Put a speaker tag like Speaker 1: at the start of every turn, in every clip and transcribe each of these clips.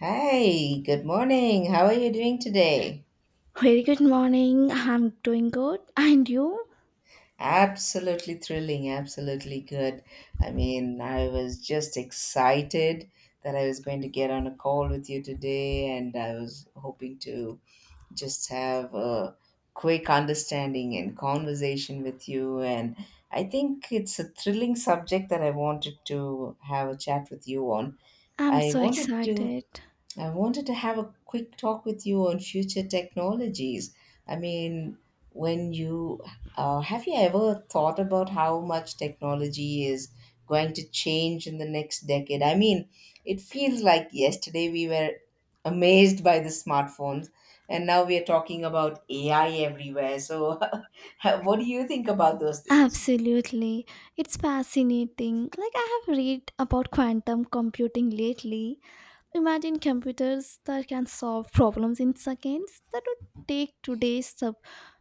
Speaker 1: Hi, good morning. How are you doing today?
Speaker 2: Very good morning. I'm doing good. And you?
Speaker 1: Absolutely thrilling, absolutely good. I mean, I was just excited that I was going to get on a call with you today, and I was hoping to just have a quick understanding and conversation with you. And I think it's a thrilling subject that I wanted to have a chat with you on.
Speaker 2: I'm
Speaker 1: I
Speaker 2: so
Speaker 1: wanted to
Speaker 2: excited.
Speaker 1: I wanted to have a quick talk with you on future technologies. I mean, when you have you ever thought about how much technology is going to change in the next decade? I mean, it feels like yesterday we were amazed by the smartphones, and now we are talking about AI everywhere. So, what do you think about those things?
Speaker 2: Absolutely. It's fascinating. Like, I have read about quantum computing lately. Imagine computers that can solve problems in seconds that would take today's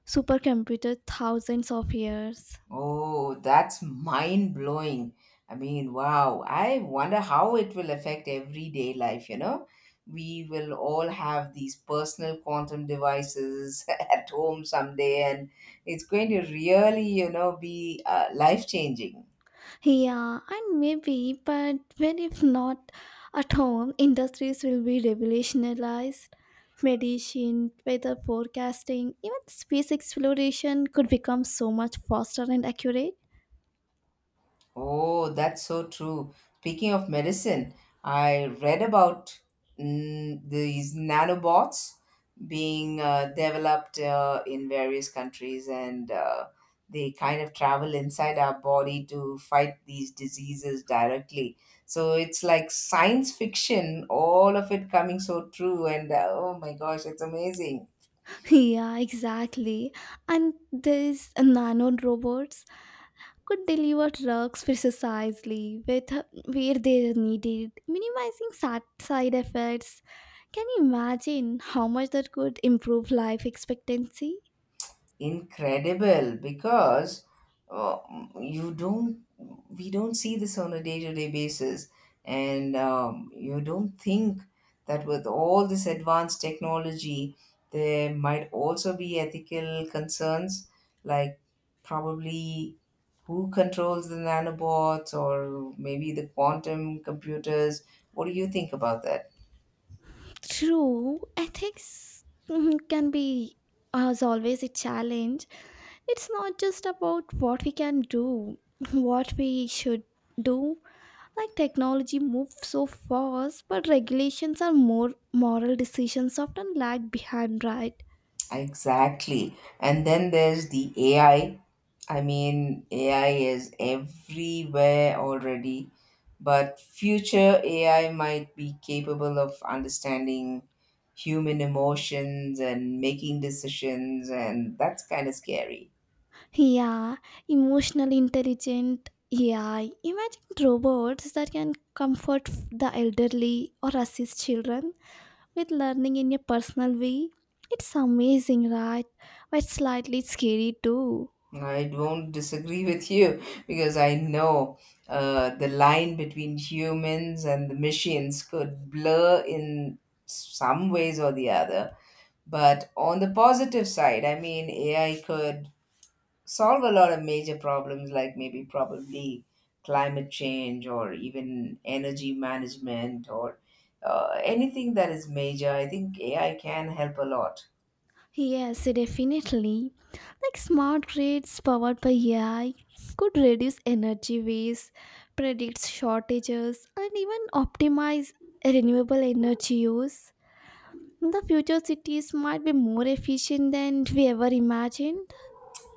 Speaker 2: supercomputer thousands of years.
Speaker 1: Oh, that's mind blowing. I mean, wow. I wonder how it will affect everyday life? We will all have these personal quantum devices at home someday, and it's going to really, be life changing.
Speaker 2: Yeah, and maybe, but when if not at home, industries will be revolutionized. Medicine, weather forecasting, even space exploration could become so much faster and accurate.
Speaker 1: Oh, that's so true. Speaking of medicine, I read about these nanobots being developed in various countries, and they kind of travel inside our body to fight these diseases directly. So it's like science fiction, all of it coming so true, and oh my gosh, it's amazing.
Speaker 2: Yeah, exactly. And these nano robots could deliver drugs precisely with where they are needed, minimizing sad side effects. Can you imagine how much that could improve life expectancy?
Speaker 1: Incredible because uh, you don't we don't see this on a day-to-day basis, and you don't think that with all this advanced technology there might also be ethical concerns, like probably who controls the nanobots or maybe the quantum computers. What do you think about that?
Speaker 2: True, ethics can be, as always, a challenge. It's not just about what we can do, what we should do. Like technology moves so fast, but regulations are more moral decisions often lag behind, right?
Speaker 1: Exactly. And then there's the AI. I mean, AI is everywhere already, but future AI might be capable of understanding human emotions and making decisions, and that's kind of scary.
Speaker 2: Yeah, emotionally intelligent. AI. Imagine robots that can comfort the elderly or assist children with learning in your personal way. It's amazing, right? But slightly scary too.
Speaker 1: I don't disagree with you because I know the line between humans and the machines could blur in some ways or the other. But on the positive side, I mean, AI could solve a lot of major problems, like maybe probably climate change or even energy management or anything that is major. I think AI can help a lot.
Speaker 2: Yes, definitely. Like smart grids powered by AI could reduce energy waste, predict shortages, and even optimize renewable energy use. The future cities might be more efficient than we ever imagined.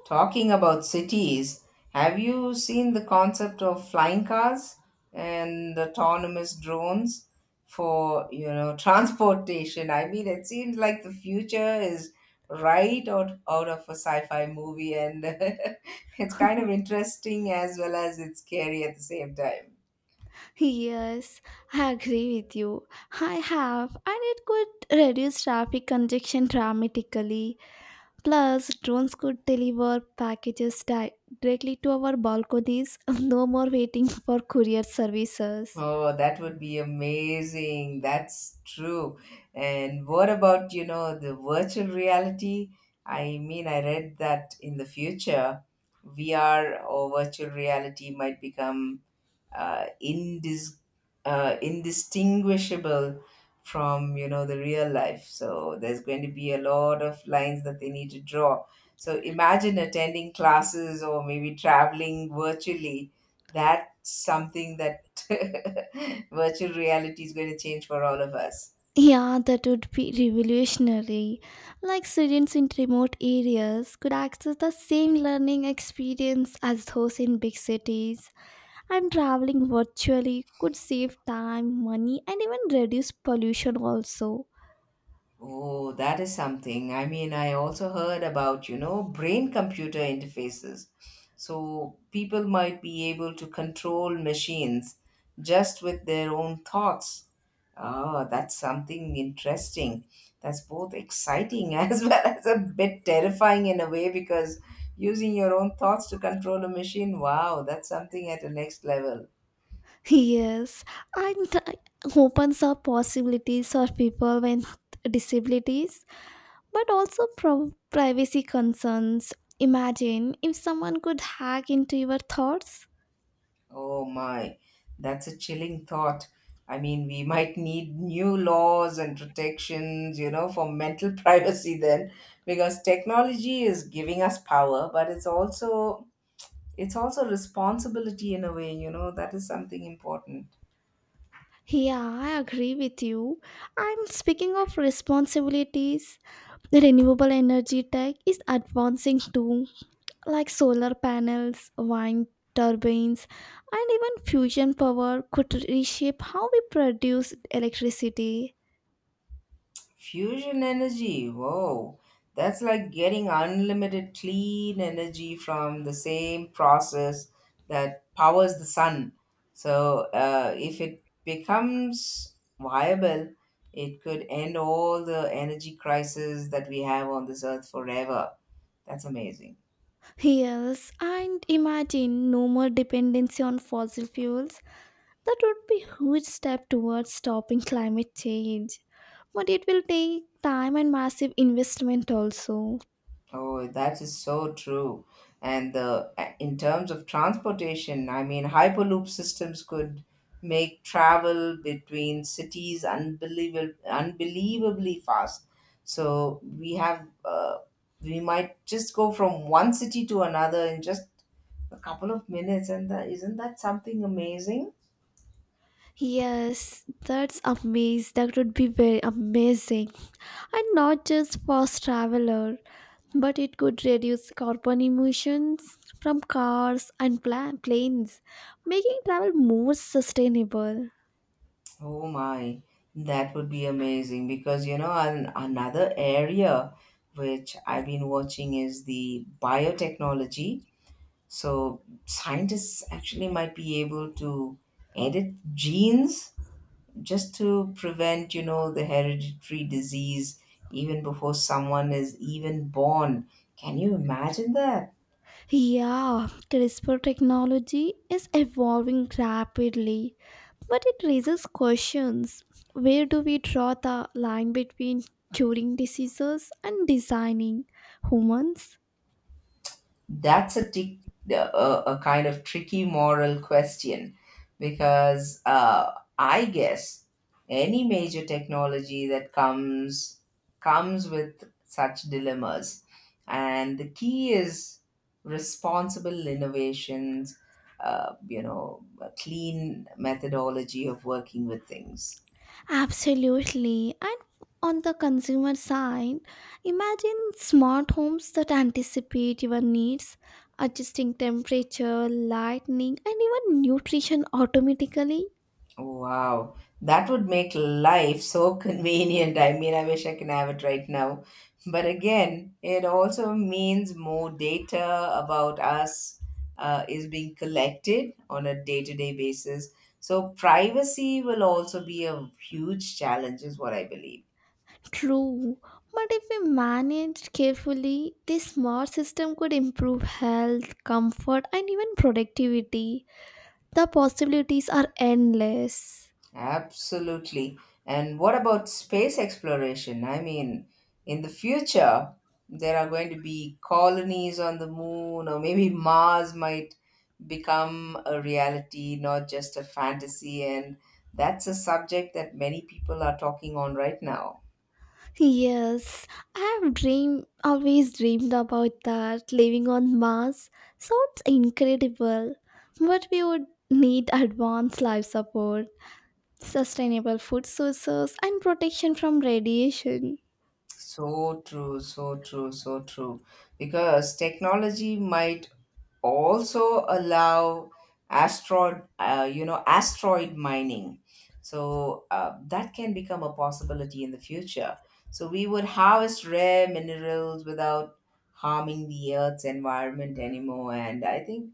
Speaker 1: Talking about cities, have you seen the concept of flying cars and autonomous drones for, transportation? I mean, it seems like the future is out of a sci-fi movie, and it's kind of interesting as well as it's scary at the same time.
Speaker 2: Yes, I agree with you. I have, and it could reduce traffic congestion dramatically. Plus, drones could deliver packages directly to our balconies, no more waiting for courier services.
Speaker 1: Oh, that would be amazing. That's true. And what about, the virtual reality? I mean, I read that in the future, VR or virtual reality might become uh, indis- indistinguishable from, you know, the real life, so there's going to be a lot of lines that they need to draw. So imagine attending classes or maybe traveling virtually. That's something that virtual reality is going to change for all of us.
Speaker 2: Yeah, that would be revolutionary. Like students in remote areas could access the same learning experience as those in big cities, and traveling virtually could save time, money, and even reduce pollution, also.
Speaker 1: Oh, that is something. I mean, I also heard about, brain computer interfaces. So people might be able to control machines just with their own thoughts. Oh, that's something interesting. That's both exciting as well as a bit terrifying in a way, because using your own thoughts to control a machine, wow, that's something at the next level.
Speaker 2: Yes, and opens up possibilities for people with disabilities but also privacy concerns. Imagine if someone could hack into your thoughts.
Speaker 1: Oh my, that's a chilling thought. I mean, we might need new laws and protections, for mental privacy then, because technology is giving us power, but it's also responsibility in a way, that is something important.
Speaker 2: Yeah, I agree with you. And speaking of responsibilities, the renewable energy tech is advancing too, like solar panels, wind turbines, and even fusion power could reshape how we produce electricity.
Speaker 1: Fusion energy, whoa, that's like getting unlimited clean energy from the same process that powers the sun. So, if it becomes viable, it could end all the energy crisis that we have on this earth forever. That's amazing.
Speaker 2: Yes, and imagine no more dependency on fossil fuels. That would be a huge step towards stopping climate change. But it will take time and massive investment also.
Speaker 1: Oh, that is so true. And the in terms of transportation, I mean, Hyperloop systems could make travel between cities unbelievably fast. So we have, we might just go from one city to another in just a couple of minutes, and that isn't that something amazing?
Speaker 2: Yes, that's amazing. That would be very amazing. And not just fast traveler, but it could reduce carbon emissions from cars and planes, making travel more sustainable.
Speaker 1: Oh my, that would be amazing, because you know, another area which I've been watching is the biotechnology. So, scientists actually might be able to edit genes just to prevent, you know, the hereditary disease even before someone is even born. Can you imagine that?
Speaker 2: Yeah, CRISPR technology is evolving rapidly. But it raises questions. Where do we draw the line between curing diseases and designing humans?
Speaker 1: That's a kind of tricky moral question, because I guess any major technology that comes with such dilemmas, and the key is responsible innovations. You know, a clean methodology of working with things.
Speaker 2: Absolutely. And on the consumer side, imagine smart homes that anticipate your needs, adjusting temperature, lighting, and even nutrition automatically.
Speaker 1: Wow, that would make life so convenient. I mean, I wish I can have it right now. But again, it also means more data about us is being collected on a day-to-day basis. So privacy will also be a huge challenge, is what I believe.
Speaker 2: True. But if we managed carefully, this smart system could improve health, comfort, and even productivity. The possibilities are endless.
Speaker 1: Absolutely. And what about space exploration? I mean, in the future, there are going to be colonies on the moon, or maybe Mars might become a reality, not just a fantasy. And that's a subject that many people are talking on right now.
Speaker 2: Yes, I have dream always dreamed about that living on Mars. Sounds incredible, but we would need advanced life support, sustainable food sources, and protection from radiation.
Speaker 1: So true, so true, so true. Because technology might also allow asteroid you know asteroid mining, so that can become a possibility in the future. So we would harvest rare minerals without harming the earth's environment anymore, and I think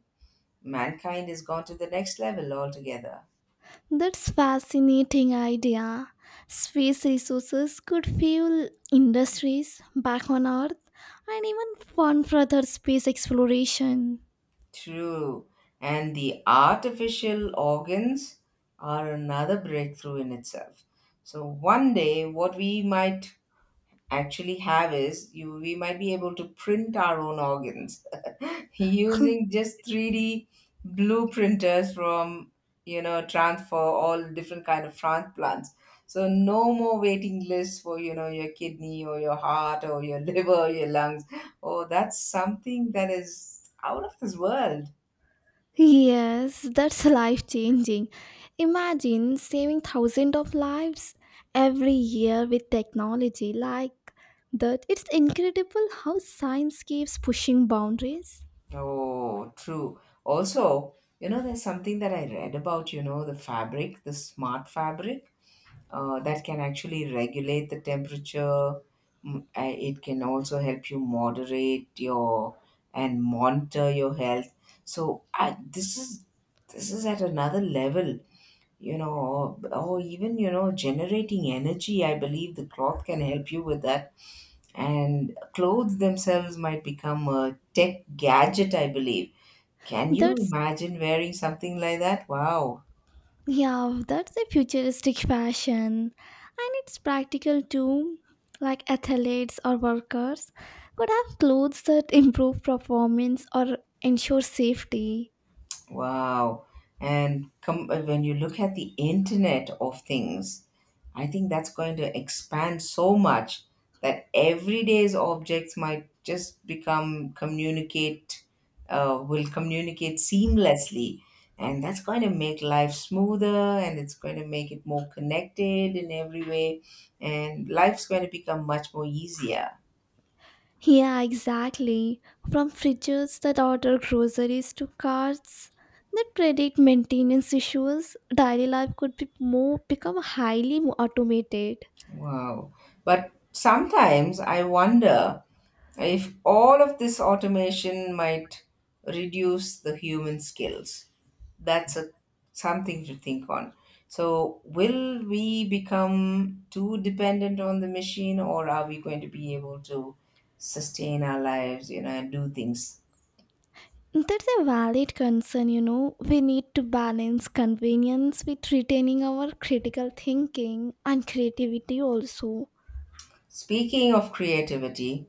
Speaker 1: mankind has gone to the next level altogether.
Speaker 2: That's fascinating idea. Space resources could fuel industries back on Earth and even fund further space exploration.
Speaker 1: True. And the artificial organs are another breakthrough in itself. So one day what we might actually have is you we might be able to print our own organs using just 3D blue printers from, you know, transfer all different kind of transplants. So no more waiting lists for, you know, your kidney or your heart or your liver or your lungs. Oh, that's something that is out of this world.
Speaker 2: Yes, that's life changing. Imagine saving thousands of lives every year with technology like that. It's incredible how science keeps pushing boundaries.
Speaker 1: Oh, true. Also, you know, there's something that I read about, you know, the fabric, the smart fabric, that can actually regulate the temperature. It can also help you moderate your and monitor your health. So this is at another level, you know, or even, you know, generating energy. I believe the cloth can help you with that. And clothes themselves might become a tech gadget, I believe. Can you
Speaker 2: That's
Speaker 1: imagine wearing something like that? Wow.
Speaker 2: yeah, that's a futuristic fashion. And it's practical too. Like athletes or workers could have clothes that improve performance or ensure safety.
Speaker 1: Wow. And come when you look at the Internet of Things, I think that's going to expand so much that everyday's objects might just become communicate, will communicate seamlessly. And that's going to make life smoother, and it's going to make it more connected in every way. And life's going to become much more easier.
Speaker 2: Yeah, exactly. From fridges that order groceries to carts that predict maintenance issues, daily life could be more become highly automated.
Speaker 1: Wow. But sometimes I wonder if all of this automation might reduce the human skills. That's something to think on. So, will we become too dependent on the machine, or are we going to be able to sustain our lives, you know, and do things?
Speaker 2: That's a valid concern, you know. We need to balance convenience with retaining our critical thinking and creativity also.
Speaker 1: Speaking of creativity,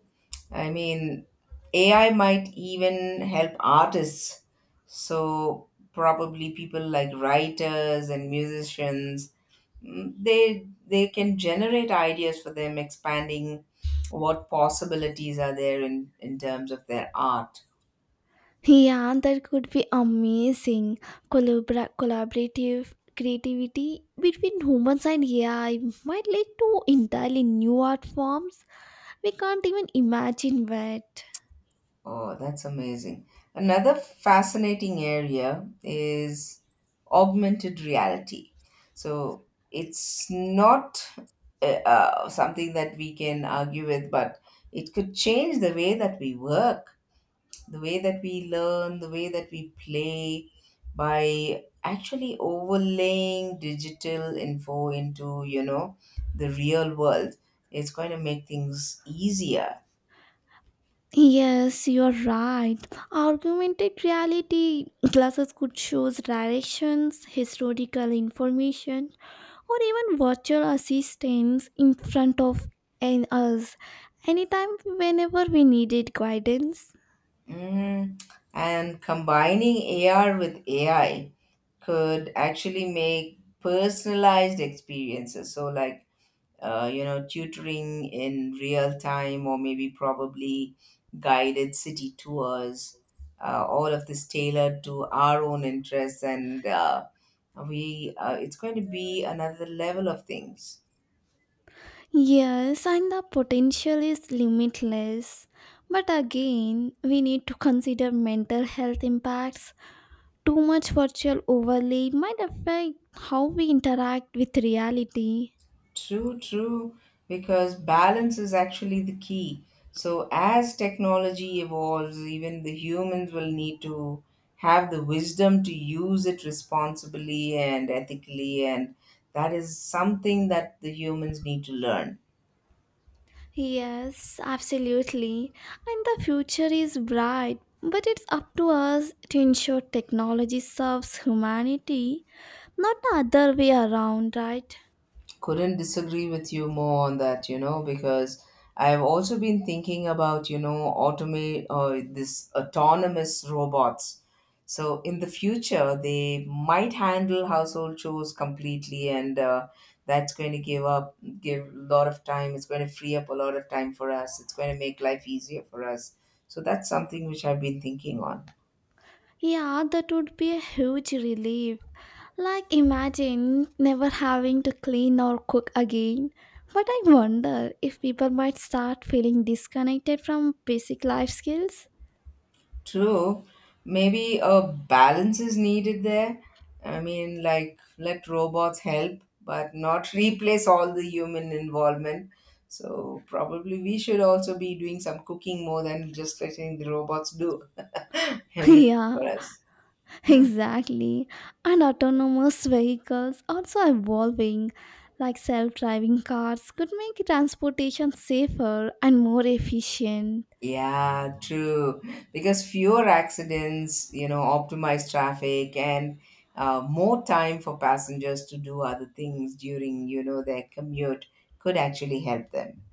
Speaker 1: I mean, AI might even help artists. So, probably people like writers and musicians, they can generate ideas for them, expanding what possibilities are there in terms of their art.
Speaker 2: Yeah, that could be amazing. Collaborative creativity between humans and AI might lead to entirely new art forms. We can't even imagine that.
Speaker 1: Oh, that's amazing. Another fascinating area is augmented reality. So, it's not something that we can argue with, but it could change the way that we work, the way that we learn, the way that we play, by actually overlaying digital info into, you know, the real world. It's going to make things easier.
Speaker 2: Yes, you're right. Augmented reality glasses could show directions, historical information, or even virtual assistants in front of us anytime, whenever we needed guidance.
Speaker 1: Mm. And combining AR with AI could actually make personalized experiences. So, like, you know, tutoring in real time, or maybe probably guided city tours. All of this tailored to our own interests, and we it's going to be another level of things.
Speaker 2: Yes, and the potential is limitless. But again, we need to consider mental health impacts. Too much virtual overlay might affect how we interact with reality.
Speaker 1: True, true, because balance is actually the key. So, as technology evolves, even the humans will need to have the wisdom to use it responsibly and ethically, and that is something that the humans need to learn.
Speaker 2: Yes, absolutely. And the future is bright, but it's up to us to ensure technology serves humanity, not the other way around, right?
Speaker 1: Couldn't disagree with you more on that, you know, because I've also been thinking about, you know, automate this autonomous robots. So in the future they might handle household chores completely, and that's going to give up give a lot of time. It's going to free up a lot of time for us. It's going to make life easier for us. So that's something which I've been thinking on.
Speaker 2: Yeah, that would be a huge relief. Like, imagine never having to clean or cook again. But I wonder if people might start feeling disconnected from basic life skills.
Speaker 1: True. Maybe a balance is needed there. I mean, like, let robots help, but not replace all the human involvement. So, probably we should also be doing some cooking more than just letting the robots do everything
Speaker 2: Yeah,
Speaker 1: for us.
Speaker 2: exactly. And autonomous vehicles also evolving, like self driving cars, could make transportation safer and more efficient.
Speaker 1: Yeah, true. Because fewer accidents, you know, optimized traffic, and more time for passengers to do other things during, you know, their commute could actually help them.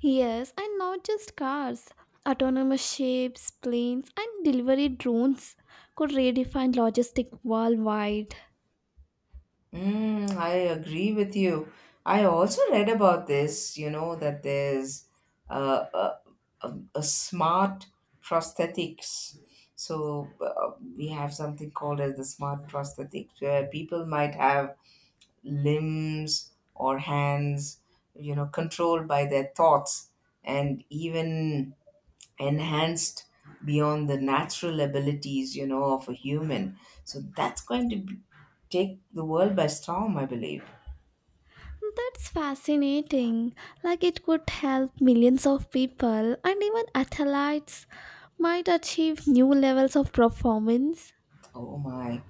Speaker 2: Yes, and not just cars. Autonomous ships, planes, and delivery drones could redefine logistics worldwide.
Speaker 1: Mm, I agree with you. I also read about this, you know, that there's uh, a, a smart prosthetics. So we have something called as the smart prosthetics, where people might have limbs or hands, you know, controlled by their thoughts and even enhanced beyond the natural abilities you know of a human. So that's going to be, take the world by storm, I believe.
Speaker 2: That's fascinating. Like it could help millions of people, and even athletes might achieve new levels of performance.
Speaker 1: Oh my.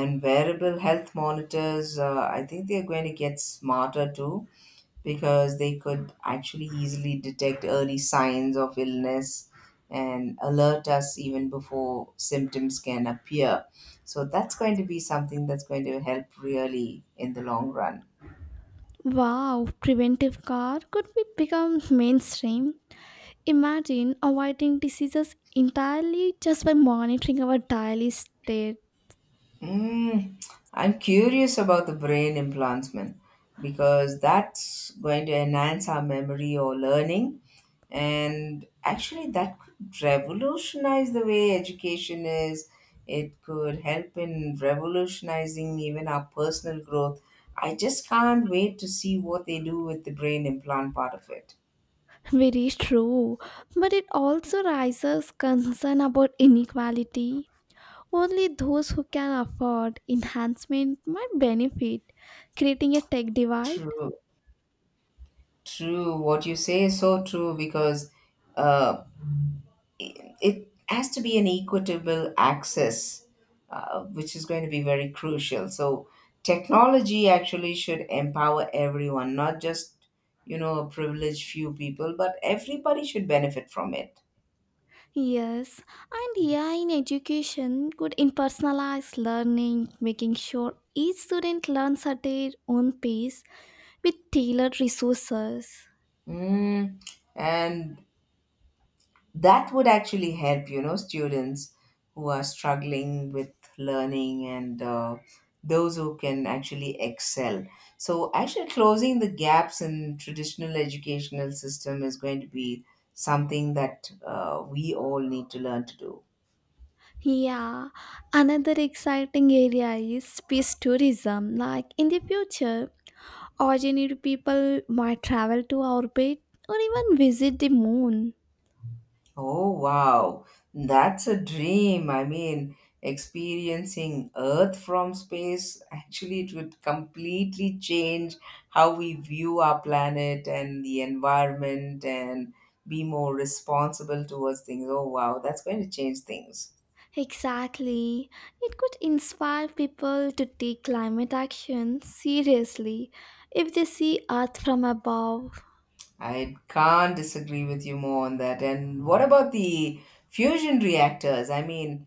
Speaker 1: And wearable health monitors, I think they're going to get smarter too, because they could actually easily detect early signs of illness and alert us even before symptoms can appear. So that's going to be something that's going to help really in the long run.
Speaker 2: Wow, preventive care could be become mainstream. Imagine avoiding diseases entirely just by monitoring our daily state.
Speaker 1: Mm, I'm curious about the brain implants, man, because that's going to enhance our memory or learning. And actually, that could revolutionize the way education is. It could help in revolutionizing even our personal growth. I just can't wait to see what they do with the brain implant part of it.
Speaker 2: Very true, but it also raises concern about inequality. Only those who can afford enhancement might benefit, creating a tech divide.
Speaker 1: True, true. What you say is so true because uh, it has to be an equitable access, which is going to be very crucial. So technology actually should empower everyone, not just you know a privileged few people, but everybody should benefit from it.
Speaker 2: Yes, and AI in education could impersonalize learning, making sure each student learns at their own pace with tailored resources.
Speaker 1: Mm. And that would actually help you know students who are struggling with learning, and those who can actually excel. So actually closing the gaps in traditional educational system is going to be something that we all need to learn to do.
Speaker 2: Yeah, another exciting area is space tourism. Like in the future, ordinary people might travel to orbit or even visit the moon.
Speaker 1: Oh, wow. That's a dream. I mean, experiencing Earth from space, actually, it would completely change how we view our planet and the environment and be more responsible towards things. Oh, wow. That's going to change things.
Speaker 2: Exactly. It could inspire people to take climate action seriously if they see Earth from above.
Speaker 1: I can't disagree with you more on that. And what about the fusion reactors? I mean,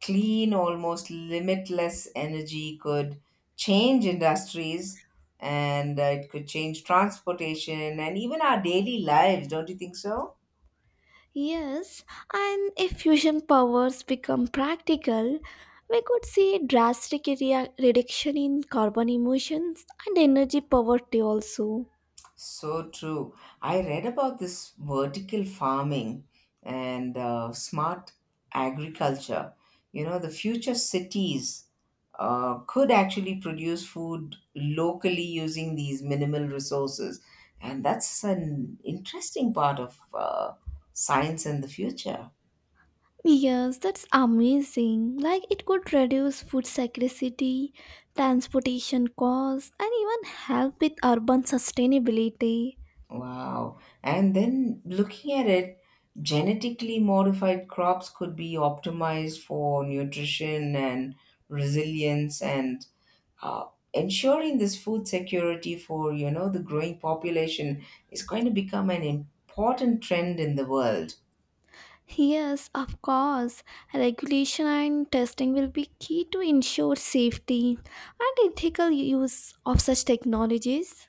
Speaker 1: clean, almost limitless energy could change industries, and it could change transportation and even our daily lives, don't you think so?
Speaker 2: Yes, and if fusion powers become practical, we could see a drastic reduction in carbon emissions and energy poverty also.
Speaker 1: So true. I read about this vertical farming and smart agriculture. You know, the future cities could actually produce food locally using these minimal resources. And that's an interesting part of science in the future.
Speaker 2: Yes, that's amazing. Like it could reduce food scarcity, transportation costs, and even help with urban sustainability.
Speaker 1: Wow. And then looking at it, genetically modified crops could be optimized for nutrition and resilience and uh, ensuring this food security for, you know, the growing population is going to become an important trend in the world.
Speaker 2: Yes, of course. Regulation and testing will be key to ensure safety and ethical use of such technologies.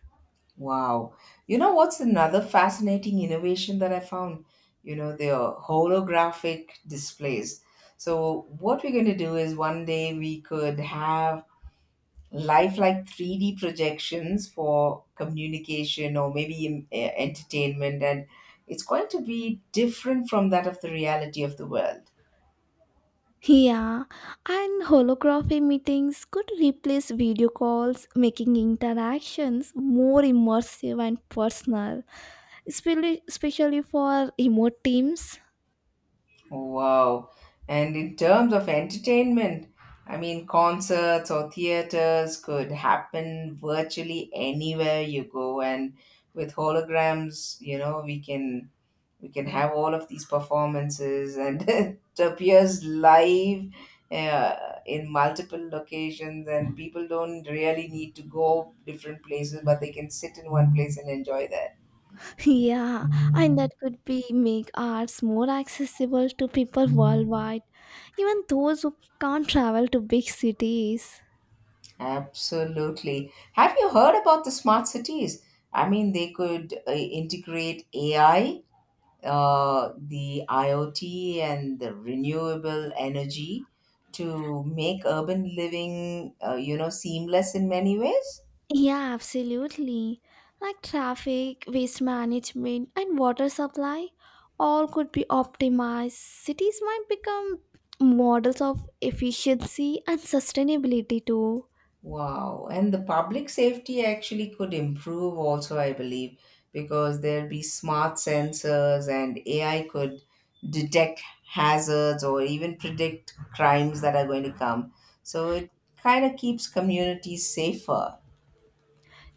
Speaker 1: Wow. You know what's another fascinating innovation that I found? You know, the holographic displays. So what we're going to do is one day we could have life like 3D projections for communication or maybe entertainment, and it's going to be different from that of the reality of the world.
Speaker 2: Yeah, and holography meetings could replace video calls, making interactions more immersive and personal, especially for remote teams.
Speaker 1: Wow. And in terms of entertainment, I mean, concerts or theaters could happen virtually anywhere you go. And with holograms, you know, we can have all of these performances and it appears live uh, in multiple locations, and people don't really need to go different places but they can sit in one place and enjoy that.
Speaker 2: Yeah, and that could be make arts more accessible to people worldwide, even those who can't travel to big cities.
Speaker 1: Absolutely. Have you heard about the smart cities? I mean they could integrate AI, the IoT, and the renewable energy to make urban living, you know, seamless in many ways.
Speaker 2: Yeah, absolutely. Like traffic, waste management, and water supply, all could be optimized. Cities might become models of efficiency and sustainability too.
Speaker 1: Wow. And the public safety actually could improve also, I believe, because there'd be smart sensors and AI could detect hazards or even predict crimes that are going to come. So it kind of keeps communities safer.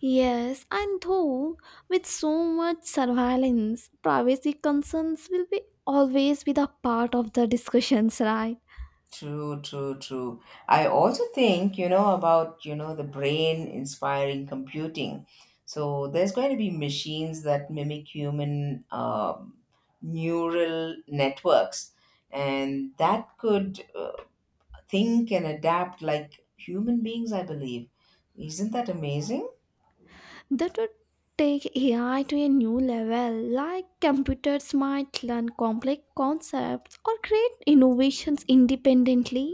Speaker 2: Yes, and though with so much surveillance, privacy concerns will be always be the part of the discussions, right?
Speaker 1: True, true, true. I also think, you know, about, you know, the brain inspiring computing. So there's going to be machines that mimic human neural networks, and that could think and adapt like human beings, I believe. Isn't that amazing?
Speaker 2: That would take AI to a new level, like computers might learn complex concepts or create innovations independently.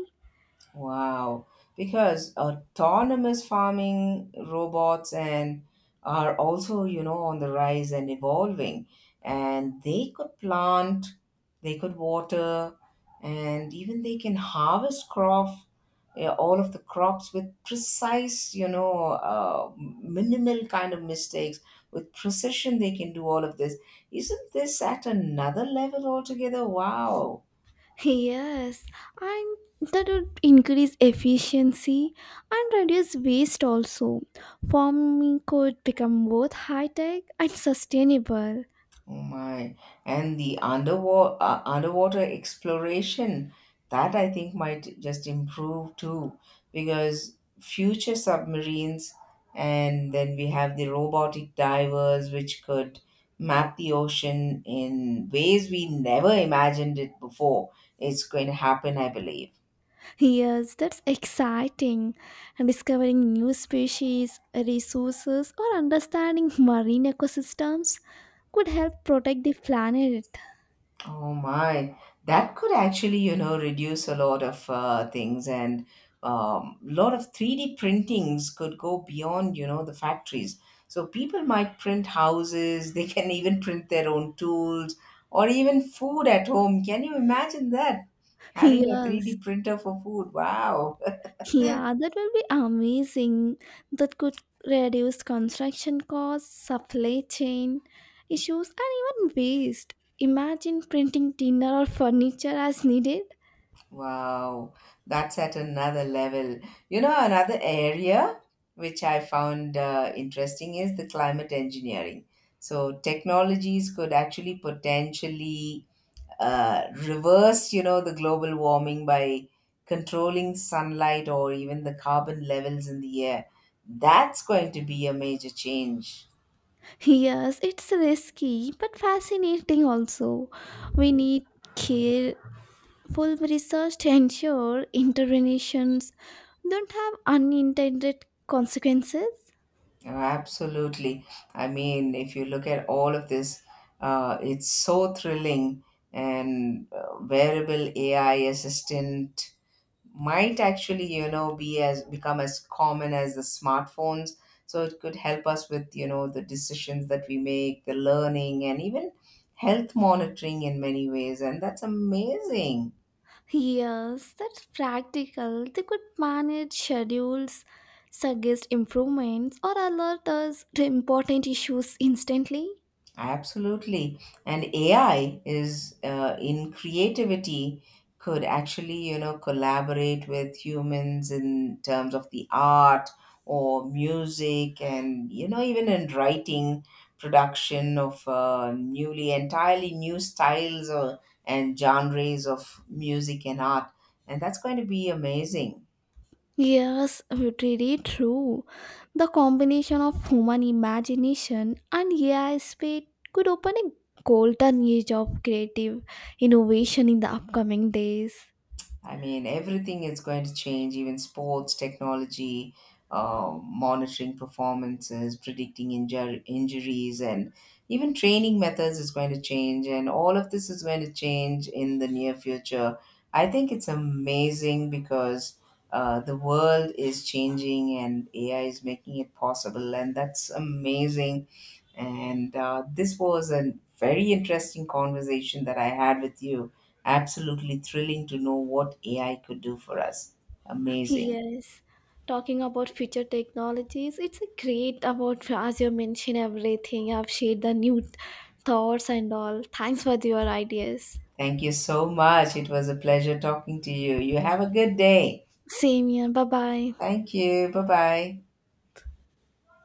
Speaker 1: Wow, because autonomous farming robots and are also, you know, on the rise and evolving. And they could plant, they could water, and even they can harvest crop, yeah, all of the crops with precise, you know, minimal kind of mistakes. With precision, they can do all of this. Isn't this at another level altogether? Wow.
Speaker 2: Yes, and that would increase efficiency and reduce waste also. Farming could become both high tech and sustainable.
Speaker 1: Oh my. And the underwater underwater exploration that I think might just improve too, because future submarines and then we have the robotic divers which could map the ocean in ways we never imagined it before. It's going to happen, I believe.
Speaker 2: Yes, that's exciting. And discovering new species, resources, or understanding marine ecosystems could help protect the planet.
Speaker 1: Oh my, that could actually, you know, reduce a lot of things, and lot of 3D printings could go beyond, you know, the factories. So people might print houses, they can even print their own tools or even food at home. Can you imagine that? Having a 3D
Speaker 2: Yes,
Speaker 1: printer for food. Wow.
Speaker 2: yeah, that will be amazing. That could reduce construction costs, supply chain issues, and even waste. Imagine printing dinner or furniture as needed.
Speaker 1: Wow, that's at another level. You know, another area which I found interesting is the climate engineering. So, technologies could actually potentially reverse, you know, the global warming by controlling sunlight or even the carbon levels in the air. That's going to be a major change.
Speaker 2: Yes, it's risky but fascinating also. We need care full research to ensure interventions don't have unintended consequences?
Speaker 1: Oh, absolutely. I mean, if you look at all of this, it's so thrilling, and wearable AI assistant might actually, you know, be as become as common as the smartphones. So it could help us with, you know, the decisions that we make, the learning, and even health monitoring in many ways. And that's amazing.
Speaker 2: Yes, that's practical. They could manage schedules, suggest improvements, or alert us to important issues instantly.
Speaker 1: Absolutely. And AI is in creativity could actually, you know, collaborate with humans in terms of the art or music and, you know, even in writing production of newly entirely new styles or, and genres of music and art. And that's going to be amazing.
Speaker 2: Yes, it really true. The combination of human imagination and AI speed could open a golden age of creative innovation in the upcoming days.
Speaker 1: I mean, everything is going to change, even sports, technology, monitoring performances, predicting injuries, and even training methods is going to change. And all of this is going to change in the near future. I think it's amazing, because the world is changing and AI is making it possible. And that's amazing, and this was a very interesting conversation that I had with you. Absolutely thrilling to know what AI could do for us. Amazing.
Speaker 2: Yes, talking about future technologies, it's a great about as you mentioned everything. I've shared the new thoughts and all. Thanks for your ideas.
Speaker 1: Thank you so much. It was a pleasure talking to you. You have a good day.
Speaker 2: Same here. Bye bye.
Speaker 1: Thank you. Bye bye.